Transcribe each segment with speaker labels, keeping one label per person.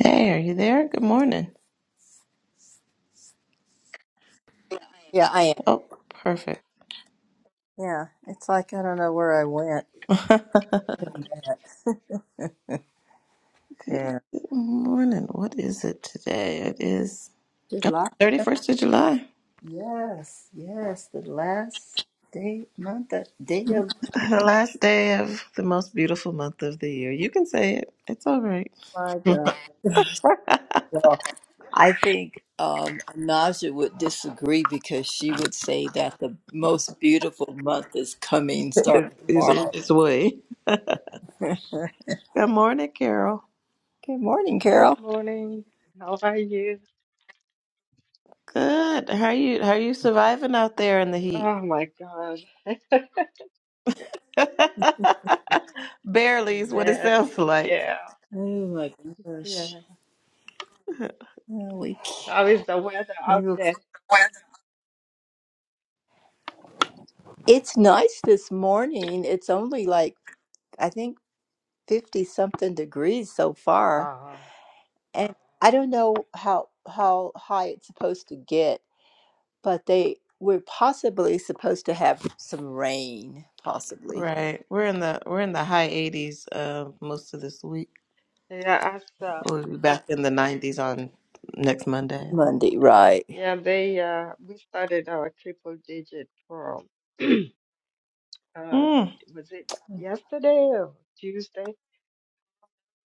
Speaker 1: Hey, are you there? Good morning.
Speaker 2: Yeah, I am.
Speaker 1: Oh, perfect.
Speaker 2: Yeah, it's like I don't know where I went.
Speaker 1: Good
Speaker 2: in that. Yeah.
Speaker 1: morning. What is it today? It is oh,
Speaker 2: July.
Speaker 1: 31st of July,
Speaker 2: Yes, yes, the last day, month, that day of
Speaker 1: the last day of the most beautiful month of the year. You can say it. It's all right.
Speaker 2: my God. So I think um, Naja would disagree because she would say that the most beautiful month is coming, starting
Speaker 1: it's, it's on
Speaker 2: tomorrow.
Speaker 1: it's way.
Speaker 2: Good
Speaker 1: Good morning, Carol.
Speaker 2: morning,
Speaker 3: Good
Speaker 2: Carol.
Speaker 3: morning. How are you?
Speaker 1: Good. How are you? How are you surviving out there in the heat?
Speaker 3: Oh my God.
Speaker 1: Barely is what it sounds
Speaker 3: Barely.
Speaker 1: like.
Speaker 3: Yeah.
Speaker 2: Oh my gosh.
Speaker 3: Yeah.
Speaker 2: Well, we,
Speaker 3: How is the weather
Speaker 2: maybe
Speaker 3: out
Speaker 2: we'll-
Speaker 3: there?
Speaker 2: it's nice this morning. It's only like I think 50 something degrees so far.
Speaker 3: Uh,
Speaker 2: And I don't know how how high it's supposed to get, but they we're possibly supposed to have some rain, possibly.
Speaker 1: Right. We're in the we're in the high 80s uh, most of this week.
Speaker 3: yeah, as uh,
Speaker 1: We'll be back in the 90s on next Monday. I think.
Speaker 2: Monday, right.
Speaker 3: yeah, they uh we started our triple digit from uh
Speaker 1: Mm.
Speaker 3: was it yesterday or Tuesday?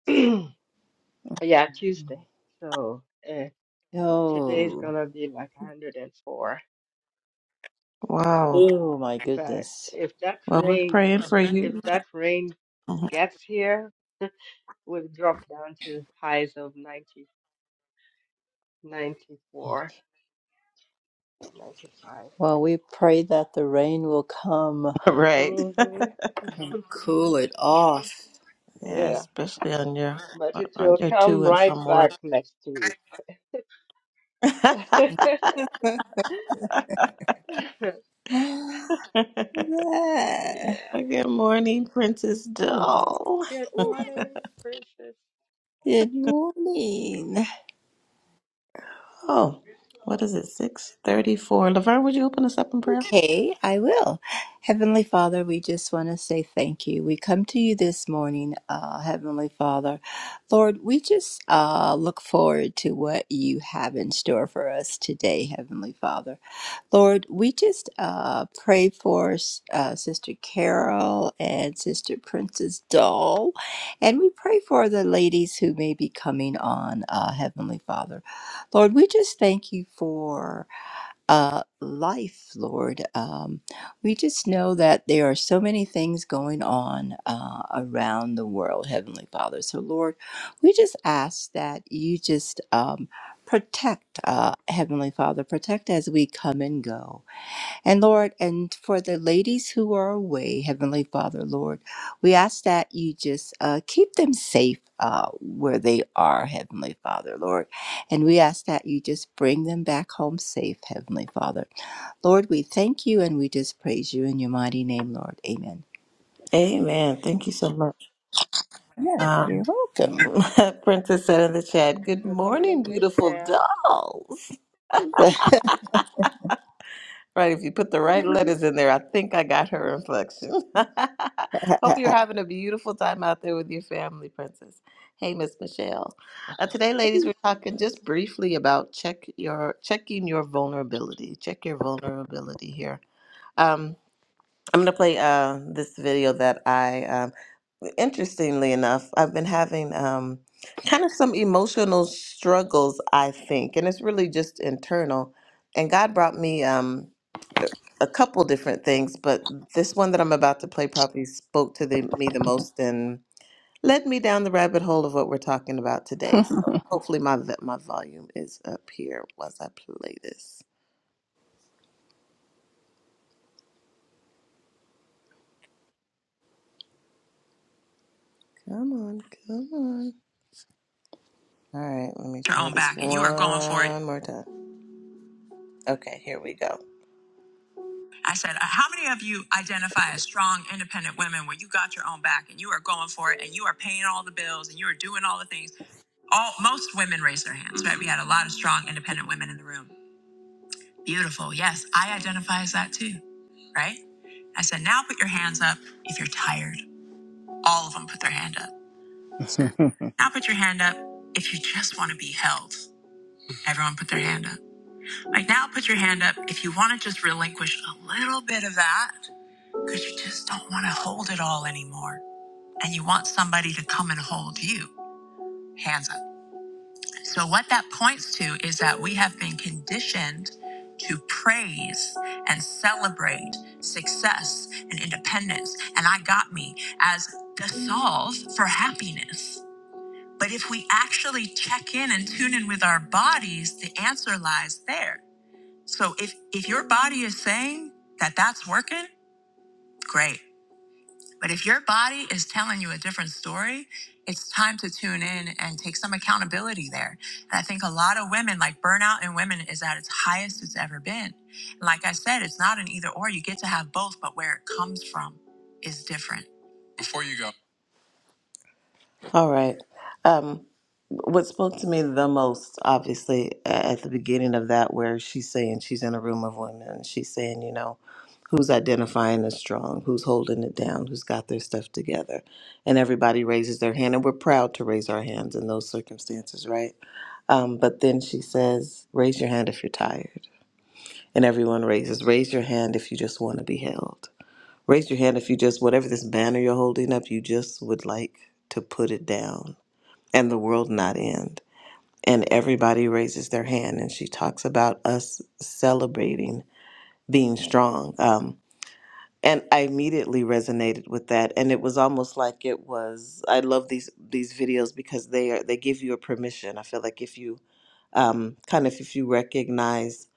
Speaker 3: Yeah, Tuesday. So uh, today is
Speaker 2: Oh,
Speaker 3: gonna be like 104. Yeah.
Speaker 1: Wow.
Speaker 2: oh my
Speaker 3: But
Speaker 2: goodness.
Speaker 3: if that
Speaker 1: Well, we're
Speaker 3: rain
Speaker 1: praying for
Speaker 3: if
Speaker 1: you.
Speaker 3: that rain
Speaker 1: Mhm.
Speaker 3: gets here We've dropped down to highs of ninety, ninety four, ninety five.
Speaker 2: Well, we pray that the rain will come
Speaker 1: right.
Speaker 3: hmm
Speaker 2: and cool it off.
Speaker 1: Yeah,
Speaker 3: Yeah,
Speaker 1: especially on your
Speaker 3: but
Speaker 1: on
Speaker 3: it
Speaker 1: on
Speaker 3: will
Speaker 1: your to
Speaker 3: come
Speaker 1: and
Speaker 3: right
Speaker 1: from work.
Speaker 3: back next week. yeah.
Speaker 1: Good morning, Princess Doll.
Speaker 3: Good morning, Princess.
Speaker 2: Good
Speaker 3: Mhm.
Speaker 2: morning.
Speaker 1: Oh, what is it? Six thirty-four. Laverne, would you open us up in prayer?
Speaker 2: Okay, I will. Heavenly Father, we just want to say thank you. We come to you this morning, uh, Heavenly Father. Lord, we just uh, look forward to what you have in store for us today, Heavenly Father. Lord, we just uh, pray for uh, Sister Carol and Sister Princess Doll, and we pray for the ladies who may be coming on, uh, Heavenly Father. Lord, we just thank you for uh, life, Lord. Um, we just know that there are so many things going on uh, around the world, Heavenly Father. So, Lord, we just ask that you just um, protect, uh, Heavenly Father, protect as we come and go. And Lord, and for the ladies who are away, Heavenly Father, Lord, we ask that you just uh, keep them safe uh, where they are, Heavenly Father, Lord. And we ask that you just bring them back home safe, Heavenly Father. Lord, we thank you and we just praise you in your mighty name, Lord. Amen.
Speaker 1: Amen. Thank you so much.
Speaker 2: Yeah,
Speaker 1: Um,
Speaker 2: you're
Speaker 1: Princess said in the chat, "Good
Speaker 3: Good
Speaker 1: morning,
Speaker 3: morning,
Speaker 1: beautiful
Speaker 3: Michelle.
Speaker 1: dolls." Right, if you put the right letters in there, I think I got her inflection. Hope you're having a beautiful time out there with your family, Princess. Hey, Miss Michelle. Uh, today, ladies, we're talking just briefly about check your checking your vulnerability. Check your vulnerability here. Um, I'm gonna play uh, this video that I, um, interestingly enough, I've been having um, kind of some emotional struggles. I think, and it's really just internal. And God brought me. um a couple different things, but this one that I'm about to play probably spoke to the, me the most and led me down the rabbit hole of what we're talking about today.
Speaker 2: welcome.
Speaker 1: So hopefully my v- my volume is up here once I play this. Come on, come on. All right, let me. Your try own this back, and you are going for it. One more time. Okay, here we go. I said, uh, how many of you identify as strong, independent women where you got your own back and you are going for it and you are paying all the bills and you are doing all the things? all most women raised their hands, right? We had a lot of strong independent women in the room. Beautiful. Yes, I identify as that too, right? I said, now put your hands up if you're tired. All of them put their hand up. So now put your hand up if you just want to be held. Everyone put their hand up. Like now put your hand up if you want to just relinquish a little bit of that because you just don't want to hold it all anymore and you want somebody to come and hold you. Hands up. So, what that points to is that we have been conditioned to praise and celebrate success and independence. And I got me as the solve for happiness. But if we actually check in and tune in with our bodies, the answer lies there. So, if, if your body is saying that that's working, great. But if your body is telling you a different story, it's time to tune in and take some accountability there. And I think a lot of women, like burnout in women, is at its highest it's ever been. And like I said, it's not an either or. You get to have both, but where it comes from is different. All right. Um, what spoke to me the most, obviously, a- at the beginning of that, where she's saying she's in a room of women, and she's saying, you know. who's identifying as strong, who's holding it down, who's got their stuff together. And everybody raises their hand, and we're proud to raise our hands in those circumstances, right? Um, but then she says, Raise your hand if you're tired. And everyone raises, Raise your hand if you just want to be held. Raise your hand if you just, whatever this banner you're holding up, you just would like to put it down and the world not end. And everybody raises their hand, and she talks about us celebrating being strong. Um, and I immediately resonated with that. And it was almost like it was. I love these these videos because they are they give you a permission. I feel like if you um, kind of if you recognize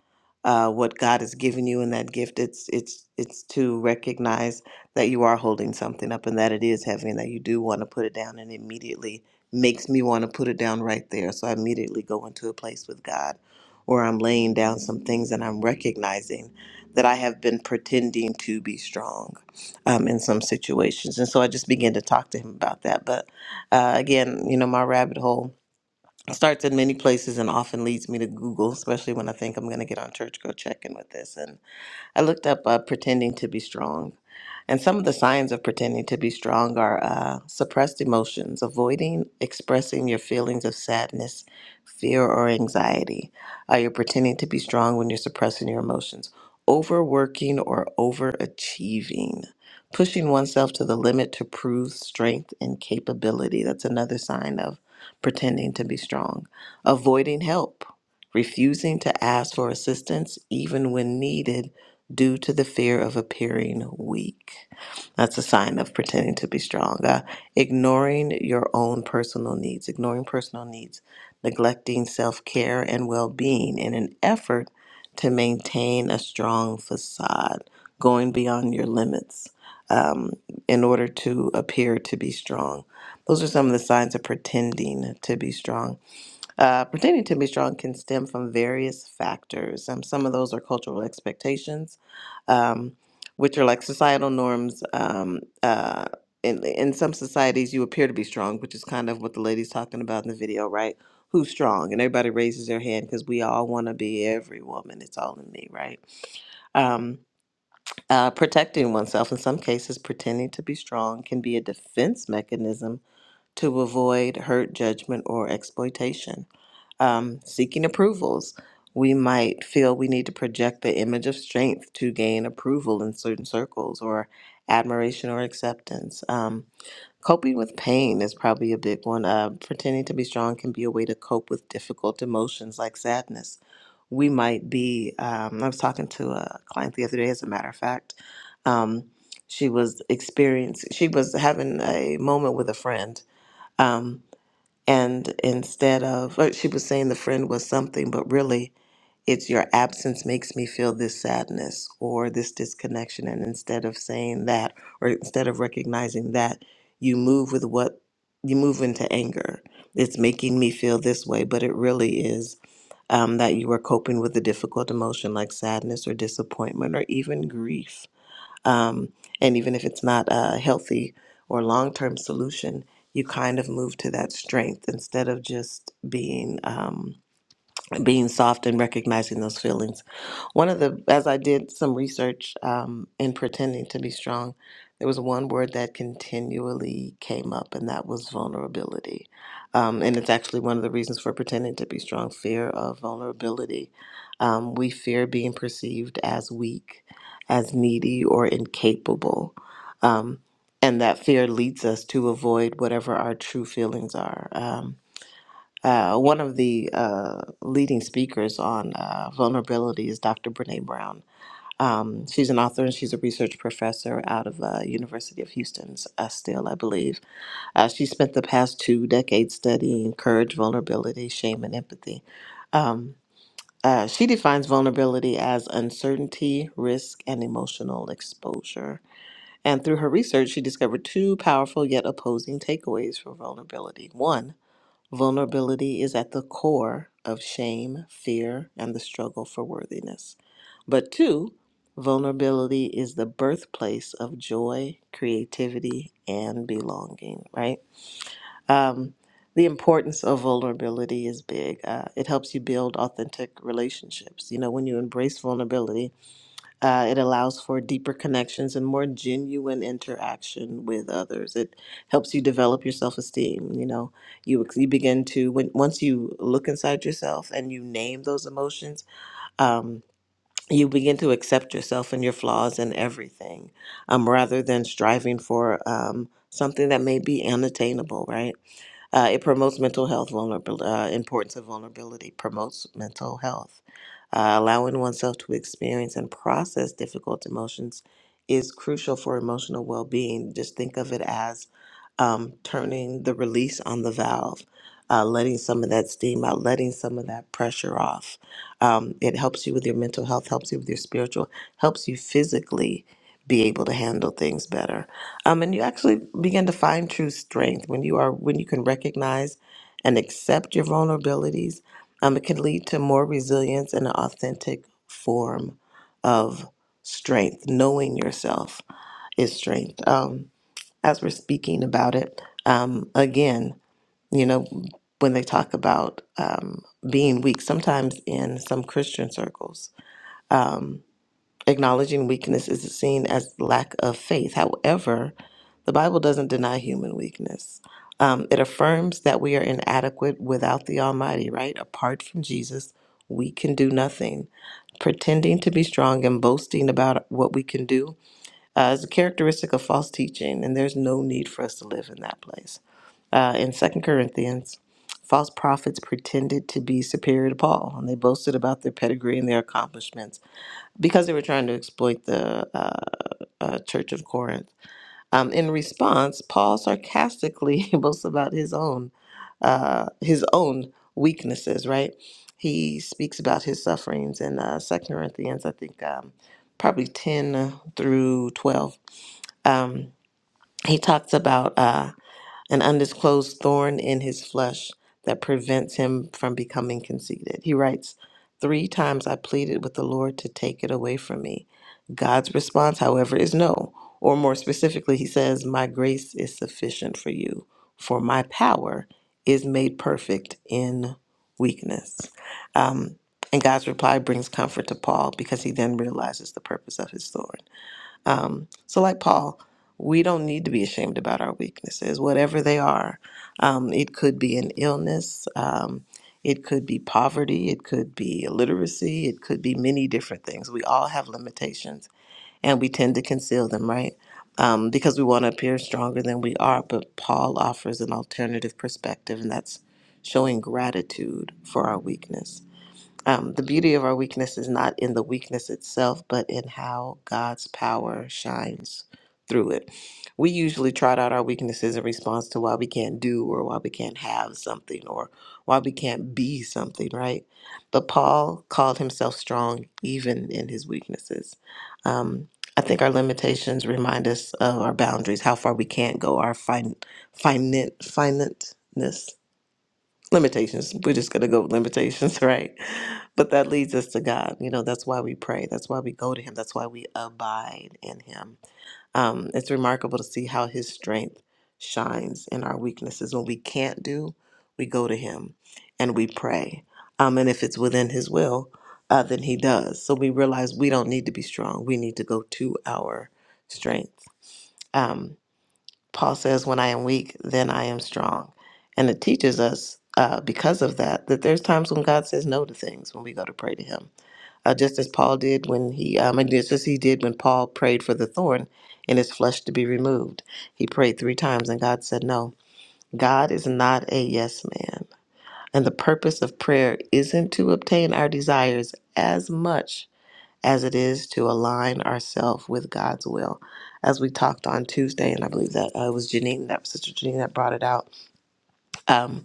Speaker 1: uh, what God has given you in that gift. It's it's it's to recognize that you are holding something up and that it is heavy and that you do want to put it down. And immediately makes me want to put it down right there. So I immediately go into a place with God where I'm laying down some things and I'm recognizing that I have been pretending to be strong um, in some situations. And so I just began to talk to him about that. But uh, again, you know, my rabbit hole starts in many places and often leads me to Google, especially when I think I'm going to get on church go checking with this. And I looked up uh, pretending to be strong. And some of the signs of pretending to be strong are uh, suppressed emotions, avoiding expressing your feelings of sadness, fear, or anxiety. Uh, you're pretending to be strong when you're suppressing your emotions, overworking or overachieving, pushing oneself to the limit to prove strength and capability. That's another sign of pretending to be strong, avoiding help refusing to ask for assistance even when needed due to the fear of appearing weak. That's a sign of pretending to be strong. Uh, ignoring your own personal needs, ignoring personal needs, neglecting self care and well being in an effort to maintain a strong facade, going beyond your limits um, in order to appear to be strong. Those are some of the signs of pretending to be strong. Uh, pretending to be strong can stem from various factors. Um, some of those are cultural expectations, um, which are like societal norms. Um, uh, in, in some societies, you appear to be strong, which is kind of what the lady's talking about in the video, right? Who's strong? And everybody raises their hand because we all want to be every woman. It's all in me, right? um, uh, protecting oneself. In some cases, pretending to be strong can be a defense mechanism to avoid hurt, judgment, or exploitation. Um, seeking approvals, we might feel we need to project the image of strength to gain approval in certain circles or admiration or acceptance. Um, coping with pain is probably a big one. Uh, pretending to be strong can be a way to cope with difficult emotions like sadness we might be. Um, I was talking to a client the other day, as a matter of fact. Um, she was experiencing, she was having a moment with a friend um, and instead of, uh, she was saying the friend was something, but really it's your absence makes me feel this sadness or this disconnection. And instead of saying that, or instead of recognizing that, you move with what you move into anger. It's making me feel this way, but it really is um, that you are coping with a difficult emotion like sadness or disappointment or even grief. Um, and even if it's not a healthy or long term solution, you kind of move to that strength instead of just being. Um, being soft and recognizing those feelings. One of the, as I did some research um, in pretending to be strong, there was one word that continually came up, and that was vulnerability. Um, and it's actually one of the reasons for pretending to be strong fear of vulnerability. Um, we fear being perceived as weak, as needy, or incapable. Um, and that fear leads us to avoid whatever our true feelings are. Um, uh, one of the uh, leading speakers on uh, vulnerability is Dr. Brene Brown. Um, she's an author and she's a research professor out of uh, University of Houston's uh, still, I believe. Uh, she spent the past two decades studying courage, vulnerability, shame, and empathy. Um, uh, she defines vulnerability as uncertainty, risk, and emotional exposure. And through her research, she discovered two powerful yet opposing takeaways for vulnerability. One, Vulnerability is at the core of shame, fear, and the struggle for worthiness. But two, vulnerability is the birthplace of joy, creativity, and belonging, right? Um, the importance of vulnerability is big. Uh, it helps you build authentic relationships. You know, when you embrace vulnerability, uh, it allows for deeper connections and more genuine interaction with others. It helps you develop your self esteem. You know, you you begin to when once you look inside yourself and you name those emotions. Um, you begin to accept yourself and your flaws and everything um, rather than striving for um, something that may be unattainable right uh, it promotes mental health vulnerability uh, importance of vulnerability promotes mental health uh, allowing oneself to experience and process difficult emotions is crucial for emotional well-being just think of it as um, turning the release on the valve uh, letting some of that steam out letting some of that pressure off um, it helps you with your mental health, helps you with your spiritual, helps you physically be able to handle things better. Um, and you actually begin to find true strength when you are when you can recognize and accept your vulnerabilities. Um, it can lead to more resilience and an authentic form of strength. Knowing yourself is strength. Um, as we're speaking about it um, again you know, when they talk about um, being weak, sometimes in some Christian circles, um, acknowledging weakness is seen as lack of faith. However, the Bible doesn't deny human weakness. Um, it affirms that we are inadequate without the Almighty, right? Apart from Jesus, we can do nothing. Pretending to be strong and boasting about what we can do uh, is a characteristic of false teaching, and there's no need for us to live in that place uh, in Second Corinthians, false prophets pretended to be superior to Paul, and they boasted about their pedigree and their accomplishments because they were trying to exploit the uh, uh, Church of Corinth. Um, in response, Paul sarcastically boasts about his own uh, his own weaknesses. Right? He speaks about his sufferings in uh, Second Corinthians, I think, um, probably ten through twelve. Um, he talks about. Uh, an undisclosed thorn in his flesh that prevents him from becoming conceited. He writes, "Three times I pleaded with the Lord to take it away from me. God's response, however, is no. Or more specifically, he says, My grace is sufficient for you, for my power is made perfect in weakness. Um, and God's reply brings comfort to Paul because he then realizes the purpose of his thorn. Um, so, like Paul, we don't need to be ashamed about our weaknesses, whatever they are. Um, it could be an illness, um, it could be poverty, it could be illiteracy, it could be many different things. We all have limitations and we tend to conceal them, right? Um, because we want to appear stronger than we are. But Paul offers an alternative perspective, and that's showing gratitude for our weakness um, the beauty of our weakness is not in the weakness itself, but in how God's power shines through it. We usually trot out our weaknesses in response to why we can't do or why we can't have something or why we can't be something, right? But Paul called himself strong even in his weaknesses. Um, I think our limitations remind us of our boundaries, how far we can't go, our fin- finite, finiteness limitations. We're just going to go with limitations, right? But that leads us to God. You know, that's why we pray. That's why we go to Him. That's why we abide in Him. Um, it's remarkable to see how His strength shines in our weaknesses. When we can't do, we go to Him and we pray. Um, and if it's within His will, uh, then He does. So we realize we don't need to be strong. We need to go to our strength. Um, Paul says, When I am weak, then I am strong. And it teaches us uh, because of that, that there's times when God says no to things when we go to pray to Him. Uh, just as Paul did when he, um, and just as he did when Paul prayed for the thorn in his flesh to be removed. He prayed three times and God said no. God is not a yes man. And the purpose of prayer isn't to obtain our desires as much as it is to align ourselves with God's will. As we talked on Tuesday, and I believe that uh, it was Janine that Sister Janine that brought it out. Um,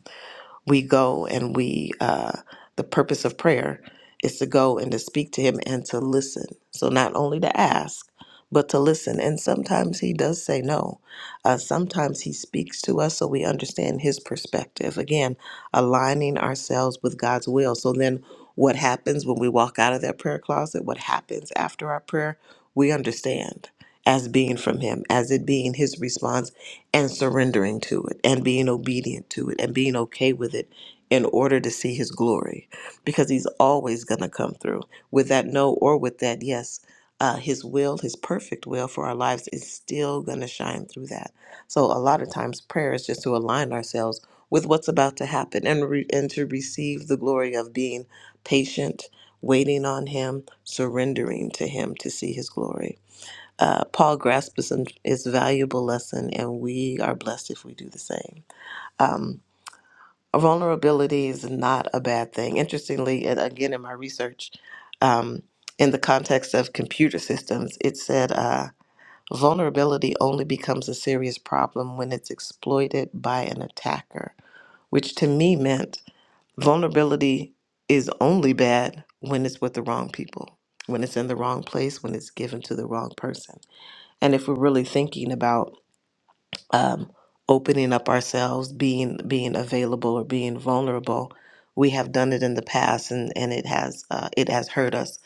Speaker 1: we go and we uh, the purpose of prayer is to go and to speak to him and to listen so not only to ask but to listen and sometimes he does say no uh, sometimes he speaks to us so we understand his perspective again aligning ourselves with god's will so then what happens when we walk out of that prayer closet what happens after our prayer we understand as being from him as it being his responsibility and surrendering to it and being obedient to it and being okay with it in order to see his glory because he's always going to come through with that no or with that yes uh, his will his perfect will for our lives is still going to shine through that so a lot of times prayer is just to align ourselves with what's about to happen and re- and to receive the glory of being patient waiting on him surrendering to him to see his glory uh, Paul grasped his, his valuable lesson, and we are blessed if we do the same. Um, vulnerability is not a bad thing. Interestingly, and again, in my research, um, in the context of computer systems, it said uh, vulnerability only becomes a serious problem when it's exploited by an attacker, which to me meant vulnerability is only bad when it's with the wrong people, when it's in the wrong place, when it's given to the wrong person. And if we're really thinking about um, opening up ourselves, being being available or being vulnerable. We have done it in the past, and and it has uh, it has hurt us,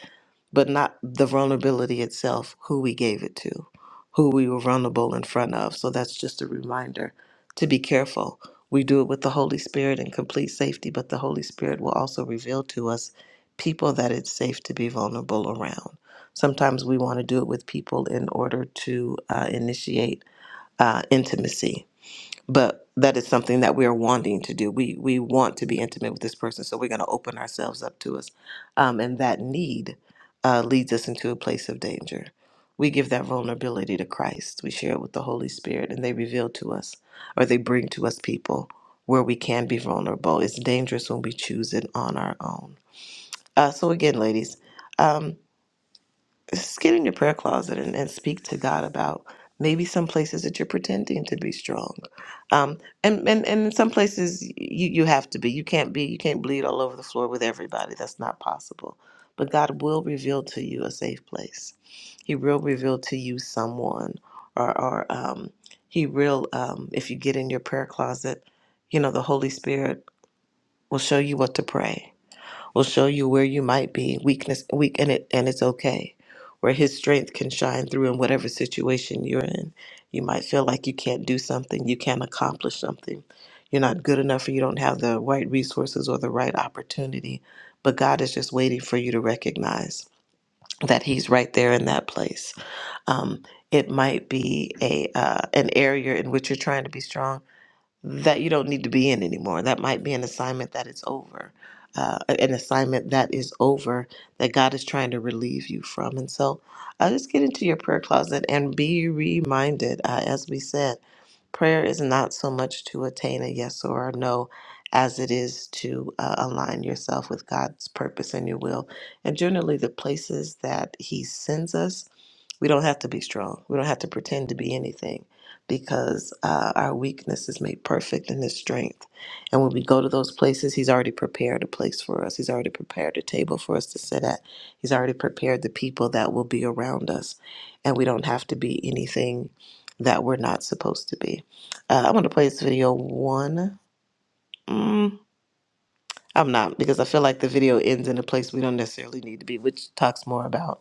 Speaker 1: but not the vulnerability itself. Who we gave it to, who we were vulnerable in front of. So that's just a reminder to be careful. We do it with the Holy Spirit in complete safety, but the Holy Spirit will also reveal to us people that it's safe to be vulnerable around. Sometimes we want to do it with people in order to uh, initiate uh, intimacy but that is something that we are wanting to do. We we want to be intimate with this person, so we're going to open ourselves up to us, um, and that need uh, leads us into a place of danger. We give that vulnerability to Christ. We share it with the Holy Spirit, and they reveal to us, or they bring to us people where we can be vulnerable. It's dangerous when we choose it on our own. Uh, so again, ladies. Um, just get in your prayer closet and, and speak to God about maybe some places that you're pretending to be strong. Um, and, and, and in some places you, you have to be. You can't be, you can't bleed all over the floor with everybody. That's not possible. But God will reveal to you a safe place. He will reveal to you someone or, or um, he will, um, if you get in your prayer closet, you know, the Holy Spirit will show you what to pray will show you where you might be weakness weak and it and it's okay where his strength can shine through in whatever situation you're in you might feel like you can't do something you can't accomplish something you're not good enough or you don't have the right resources or the right opportunity but god is just waiting for you to recognize that he's right there in that place um, it might be a uh, an area in which you're trying to be strong that you don't need to be in anymore. That might be an assignment that is over, uh, an assignment that is over that God is trying to relieve you from. And so uh, just get into your prayer closet and be reminded, uh, as we said, prayer is not so much to attain a yes or a no as it is to uh, align yourself with God's purpose and your will. And generally, the places that He sends us, we don't have to be strong. We don't have to pretend to be anything because uh, our weakness is made perfect in his strength. And when we go to those places, he's already prepared a place for us. He's already prepared a table for us to sit at. He's already prepared the people that will be around us. And we don't have to be anything that we're not supposed to be. Uh, i want to play this video one. Mm, I'm not because I feel like the video ends in a place we don't necessarily need to be, which talks more about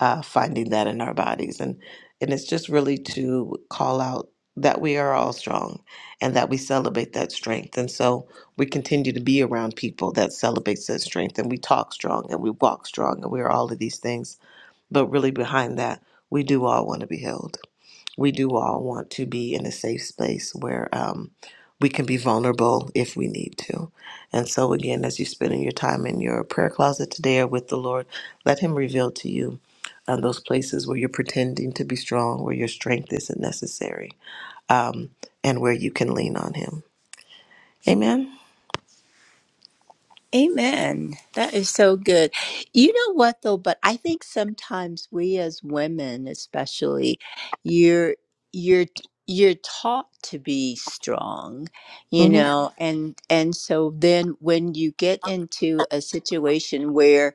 Speaker 1: uh, finding that in our bodies. And, and it's just really to call out that we are all strong and that we celebrate that strength. And so we continue to be around people that celebrates that strength and we talk strong and we walk strong and we're all of these things. But really behind that, we do all want to be held we do all want to be in a safe space where um, we can be vulnerable if we need to. And so, again, as you're spending your time in your prayer closet today or with the Lord, let Him reveal to you uh, those places where you're pretending to be strong, where your strength isn't necessary, um, and where you can lean on Him. Amen.
Speaker 2: Amen. That is so good. You know what though, but I think sometimes we as women especially you're you're you're taught to be strong, you
Speaker 1: hmm
Speaker 2: know, and and so then when you get into a situation where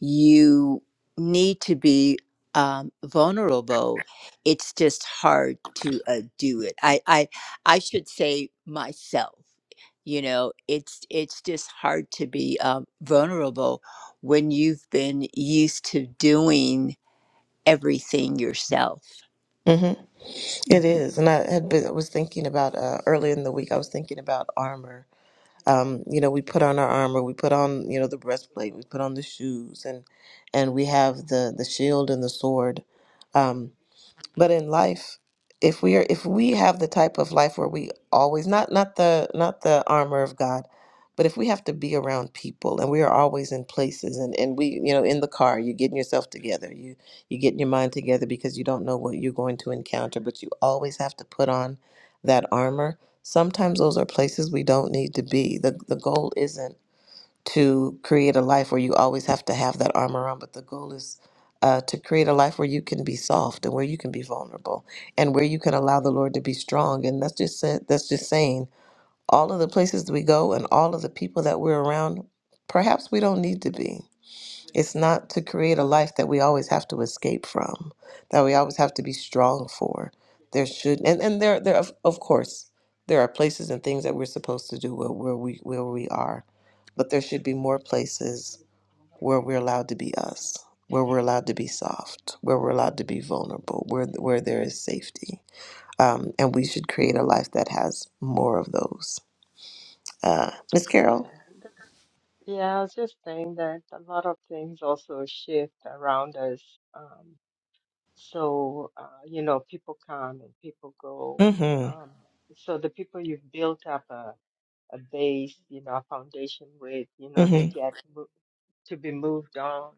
Speaker 2: you need to be um, vulnerable. It's just hard to uh, do it. I, I I should say myself. You know, it's it's just hard to be um, vulnerable when you've been used to doing everything yourself.
Speaker 1: hmm It is, and I had been, I was thinking about uh, earlier in the week. I was thinking about armor, um, you know we put on our armor we put on you know the breastplate we put on the shoes and and we have the the shield and the sword Um, but in life if we are if we have the type of life where we always not not the not the armor of god but if we have to be around people and we are always in places and and we you know in the car you're getting yourself together you you getting your mind together because you don't know what you're going to encounter but you always have to put on that armor sometimes those are places we don't need to be the the goal isn't to create a life where you always have to have that armor on, but the goal is uh, to create a life where you can be soft and where you can be vulnerable and where you can allow the Lord to be strong. And that's just sa- that's just saying all of the places that we go and all of the people that we're around, perhaps we don't need to be. It's not to create a life that we always have to escape from, that we always have to be strong for. There should and, and there there of, of course there are places and things that we're supposed to do where, where we where we are, but there should be more places where we're allowed to be us, where we're allowed to be soft, where we're allowed to be vulnerable, where where there is safety, um, and we should create a life that has more of those. Uh, Miss Carol.
Speaker 3: Yeah. th- Yeah, I was just saying that a lot of things also shift around us. Um, so, uh, you know, people come and people go.
Speaker 1: Mm-hmm.
Speaker 3: Um, so the people you've built up a, a base, you know, a foundation with, you know, they
Speaker 1: Mm-hmm.
Speaker 3: get mo- to be moved on.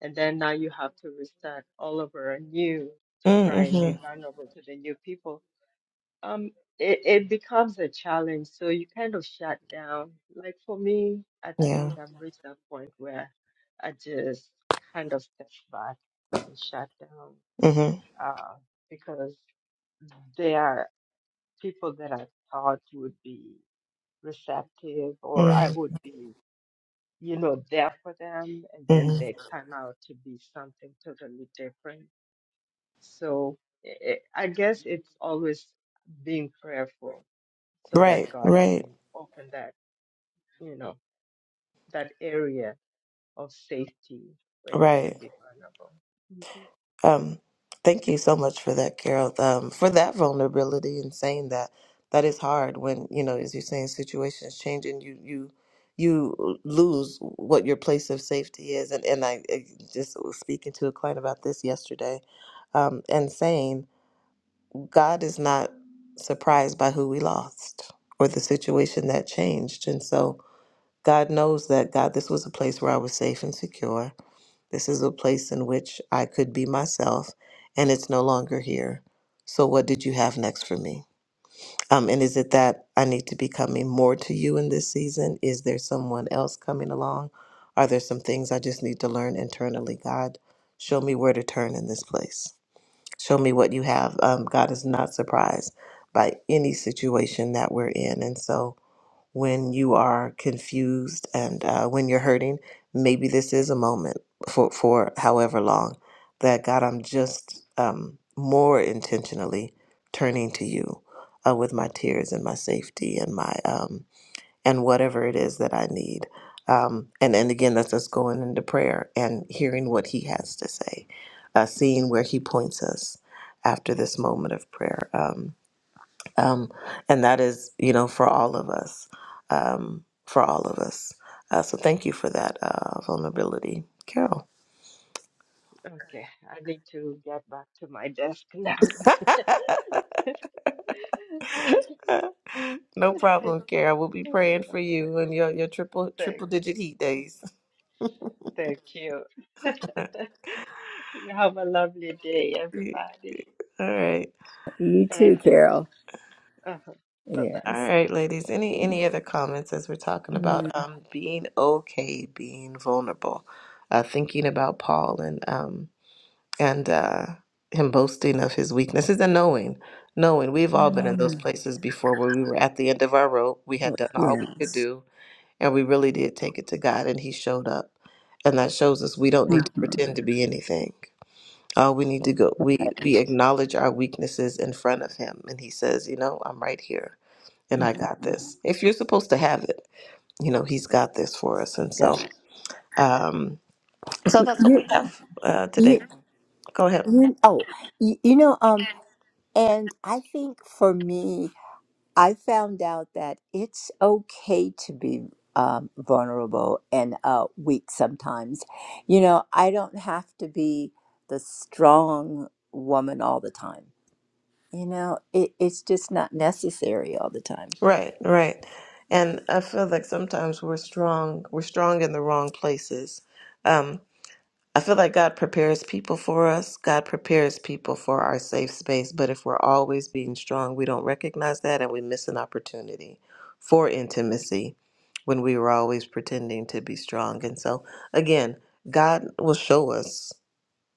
Speaker 3: And then now you have to restart all over anew to try and be
Speaker 1: Mm-hmm.
Speaker 3: vulnerable to the new people. Um, it, it becomes a challenge, so you kind of shut down. Like for me, I
Speaker 1: Yeah.
Speaker 3: think I've reached that point where I just kind of step back and shut down,
Speaker 1: Mm-hmm.
Speaker 3: uh, because there are people that I thought would be receptive or I
Speaker 1: Mm-hmm.
Speaker 3: would be, you know, there for them, and then they turn out to be something totally different. So i I guess it's always being prayerful so that
Speaker 1: Right,
Speaker 3: God can
Speaker 1: right,
Speaker 3: open that, you know, that area of safety where you can
Speaker 1: right.
Speaker 3: be vulnerable. Mhm.
Speaker 1: Um, thank you so much for that, Carol. Um, for that vulnerability and saying that that is hard when you know, as you're saying, situations change and you you you lose what your place of safety is. And and I, I just was speaking to a client about this yesterday, um, and saying God is not surprised by who we lost or the situation that changed, and so God knows that God, this was a place where I was safe and secure This is a place in which I could be myself, and it's no longer here. So, what did you have next for me? Um, and is it that I need to be coming more to you in this season? Is there someone else coming along? Are there some things I just need to learn internally? God, show me where to turn in this place. Show me what you have. Um, God is not surprised by any situation that we're in. And so, when you are confused and uh, when you're hurting, maybe this is a moment for, for however long that God, I'm just um, more intentionally turning to you uh, with my tears and my safety and my um, and whatever it is that I need. Um, and and again, that's us going into prayer and hearing what He has to say, uh, seeing where He points us after this moment of prayer. Um, um, and that is you know for all of us um, for all of us uh, so thank you for that uh, vulnerability carol
Speaker 3: Okay, I need to get back to my desk now.
Speaker 1: no problem carol we'll be praying
Speaker 3: So,
Speaker 1: for you and your, your triple
Speaker 3: thank,
Speaker 1: triple digit heat days
Speaker 3: thank you.
Speaker 1: all
Speaker 3: you have a lovely day, everybody.
Speaker 1: right
Speaker 2: You too,
Speaker 3: Okay.
Speaker 2: Carol.
Speaker 3: Uh-huh. Bye bye.
Speaker 1: all
Speaker 2: Yes.
Speaker 1: right ladies any any other comments as we're talking
Speaker 2: Mhm.
Speaker 1: about um, being okay being vulnerable uh, thinking about paul and um, and uh, him boasting of his weaknesses and knowing, knowing we've all
Speaker 2: We've
Speaker 1: been
Speaker 2: all
Speaker 1: in
Speaker 2: been
Speaker 1: those
Speaker 2: in
Speaker 1: places before where we were at the end of our rope. We
Speaker 2: Mhm.
Speaker 1: had done all we could
Speaker 2: Yes.
Speaker 1: do, and we really did take it to God, and He showed up, and that shows us we don't need to
Speaker 2: Uh-huh.
Speaker 1: pretend to be anything. All we need to go, we
Speaker 2: Right.
Speaker 1: we acknowledge our weaknesses in front of Him, and He says, you know, I'm right here, and I got
Speaker 2: Mhm.
Speaker 1: this. If you're supposed to have it, you know, He's got this for us, and so, um, so that's what
Speaker 2: you,
Speaker 1: we have uh, today.
Speaker 2: you,
Speaker 1: Go ahead.
Speaker 2: you, oh, you, you know, um, And I think for me, I found out that it's okay to be um, vulnerable and uh, weak sometimes. You know, I don't have to be the strong woman all the time. You know, it, it's just not necessary all the time.
Speaker 1: Right, right. And I feel like sometimes we're strong, we're strong in the wrong places. Um, I feel like God prepares people for us. God prepares people for our safe space. But if we're always being strong, we don't recognize that and we miss an opportunity for intimacy when we were always pretending to be strong. And so, again, God will show us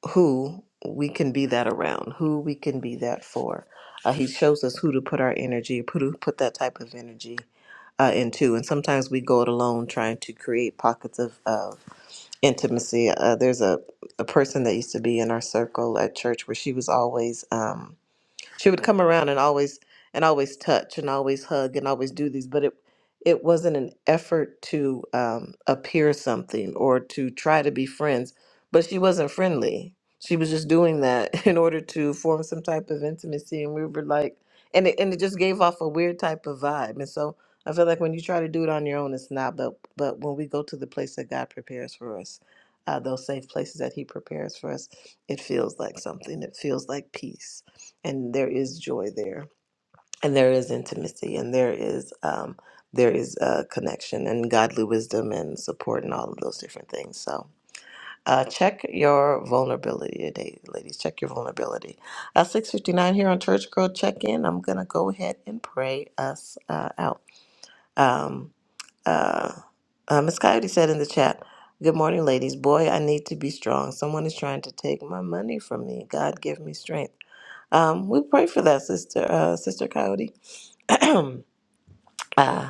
Speaker 1: who we can be that around, who we can be that for. Uh, he shows us who to put our energy, put put that type of energy uh, into. And sometimes we go it alone, trying to create pockets of uh, intimacy. Uh, there's a a person that used to be in our circle at church where she was always. Um, she would come around and always and always touch and always hug and always do these but it it wasn't an effort to um, appear something or to try to be friends but she wasn't friendly she was just doing that in order to form some type of intimacy and we were like and it, and it just gave off a weird type of vibe and so i feel like when you try to do it on your own it's not but but when we go to the place that god prepares for us uh, those safe places that he prepares for us it feels like something it feels like peace and there is joy there and there is intimacy and there is um, there is uh, connection and godly wisdom and support and all of those different things so uh, check your vulnerability today ladies check your vulnerability uh, 659 here on church girl check in i'm gonna go ahead and pray us uh, out Um, uh, uh, Miss Coyote said in the chat, Good morning, ladies. Boy, I need to be strong. Someone is trying to take my money from me. God, give me strength. Um, we pray for that, Sister uh, Sister Coyote. uh,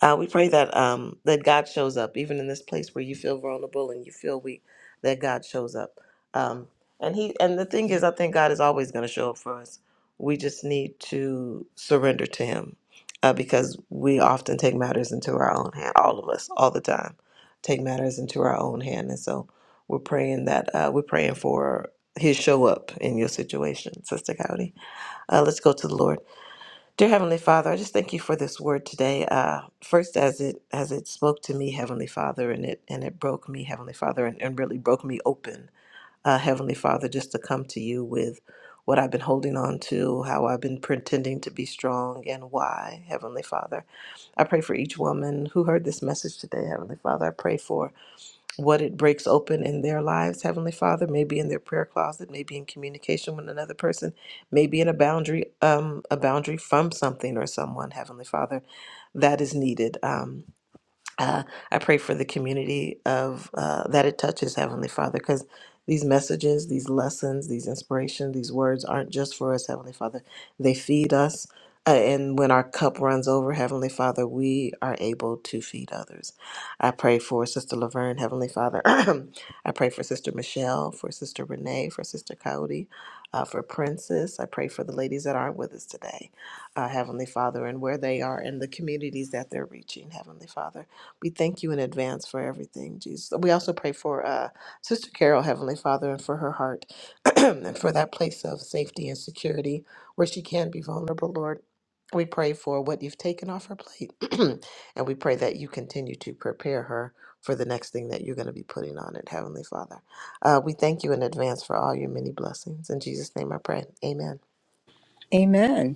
Speaker 1: uh, we pray that um, that God shows up, even in this place where you feel vulnerable and you feel weak, that God shows up. Um, and he and the thing is, I think God is always going to show up for us. We just need to surrender to Him, uh, because we often take matters into our own hand. All of us, all the time, take matters into our own hand, and so we're praying that uh, we're praying for His show up in your situation, Sister Cowdy. Uh, let's go to the Lord. Dear Heavenly Father, I just thank you for this word today. Uh, first, as it as it spoke to me, Heavenly Father, and it and it broke me, Heavenly Father, and, and really broke me open, uh, Heavenly Father, just to come to you with what I've been holding on to, how I've been pretending to be strong, and why, Heavenly Father. I pray for each woman who heard this message today, Heavenly Father. I pray for what it breaks open in their lives, Heavenly Father, maybe in their prayer closet, maybe in communication with another person, maybe in a boundary, um, a boundary from something or someone, Heavenly Father, that is needed. Um, uh, I pray for the community of uh, that it touches, Heavenly Father, because these messages, these lessons, these inspirations, these words aren't just for us, Heavenly Father. They feed us, uh, and when our cup runs over, Heavenly Father, we are able to feed others. I pray for Sister Laverne, Heavenly Father. I pray for Sister Michelle, for Sister Renee, for Sister Coyote, uh, for Princess. I pray for the ladies that aren't with us today, uh, Heavenly Father, and where they are in the communities that they're reaching, Heavenly Father. We thank you in advance for everything, Jesus. We also pray for uh, Sister Carol, Heavenly Father, and for her heart and for that place of safety and security where she can be vulnerable, Lord. We pray for what you've taken off her plate, and we pray that you continue to prepare her for the next thing that you're going to be putting on it, Heavenly Father. Uh, we thank you in advance for all your many blessings. In Jesus' name I pray. Amen.
Speaker 2: Amen.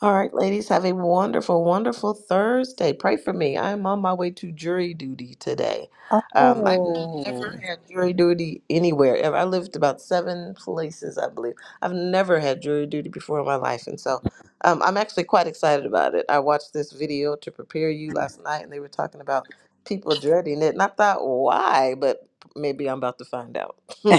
Speaker 1: All right, ladies, have a wonderful, wonderful Thursday. Pray for me. I am on my way to jury duty today. Um, I've
Speaker 2: Oh,
Speaker 1: never had jury duty anywhere. ever. I lived about seven places, I believe. I've never had jury duty before in my life. And so um, I'm actually quite excited about it. I watched this video to prepare you last night, and they were talking about people dreading it. And I thought, why? But maybe I'm about to find out. so,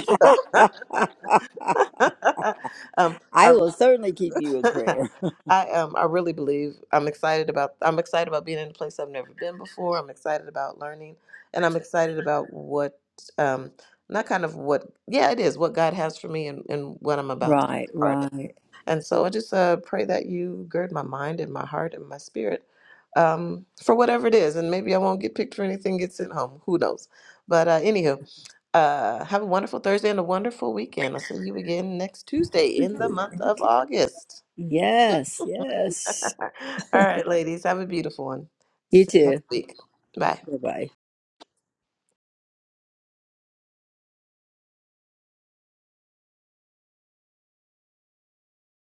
Speaker 1: um,
Speaker 2: I
Speaker 1: I
Speaker 2: will certainly keep you in prayer.
Speaker 1: I um I really believe I'm excited about I'm excited about being in a place I've never been before. I'm excited about learning and I'm excited about what um not kind of what yeah it is what God has for me and, and what I'm about to
Speaker 2: right,
Speaker 1: be a part of.
Speaker 2: right.
Speaker 1: And so I just uh pray that you gird my mind and my heart and my spirit um for whatever it is and maybe I won't get picked for anything get sent home. Who knows? But uh anywho, uh have a wonderful Thursday and a wonderful weekend. I'll see you again next Tuesday in the
Speaker 2: Okay.
Speaker 1: month of August.
Speaker 2: Yes, yes.
Speaker 1: All right, ladies, have a beautiful one.
Speaker 2: You
Speaker 1: See you
Speaker 2: too.
Speaker 1: next week. Bye.
Speaker 2: Bye bye.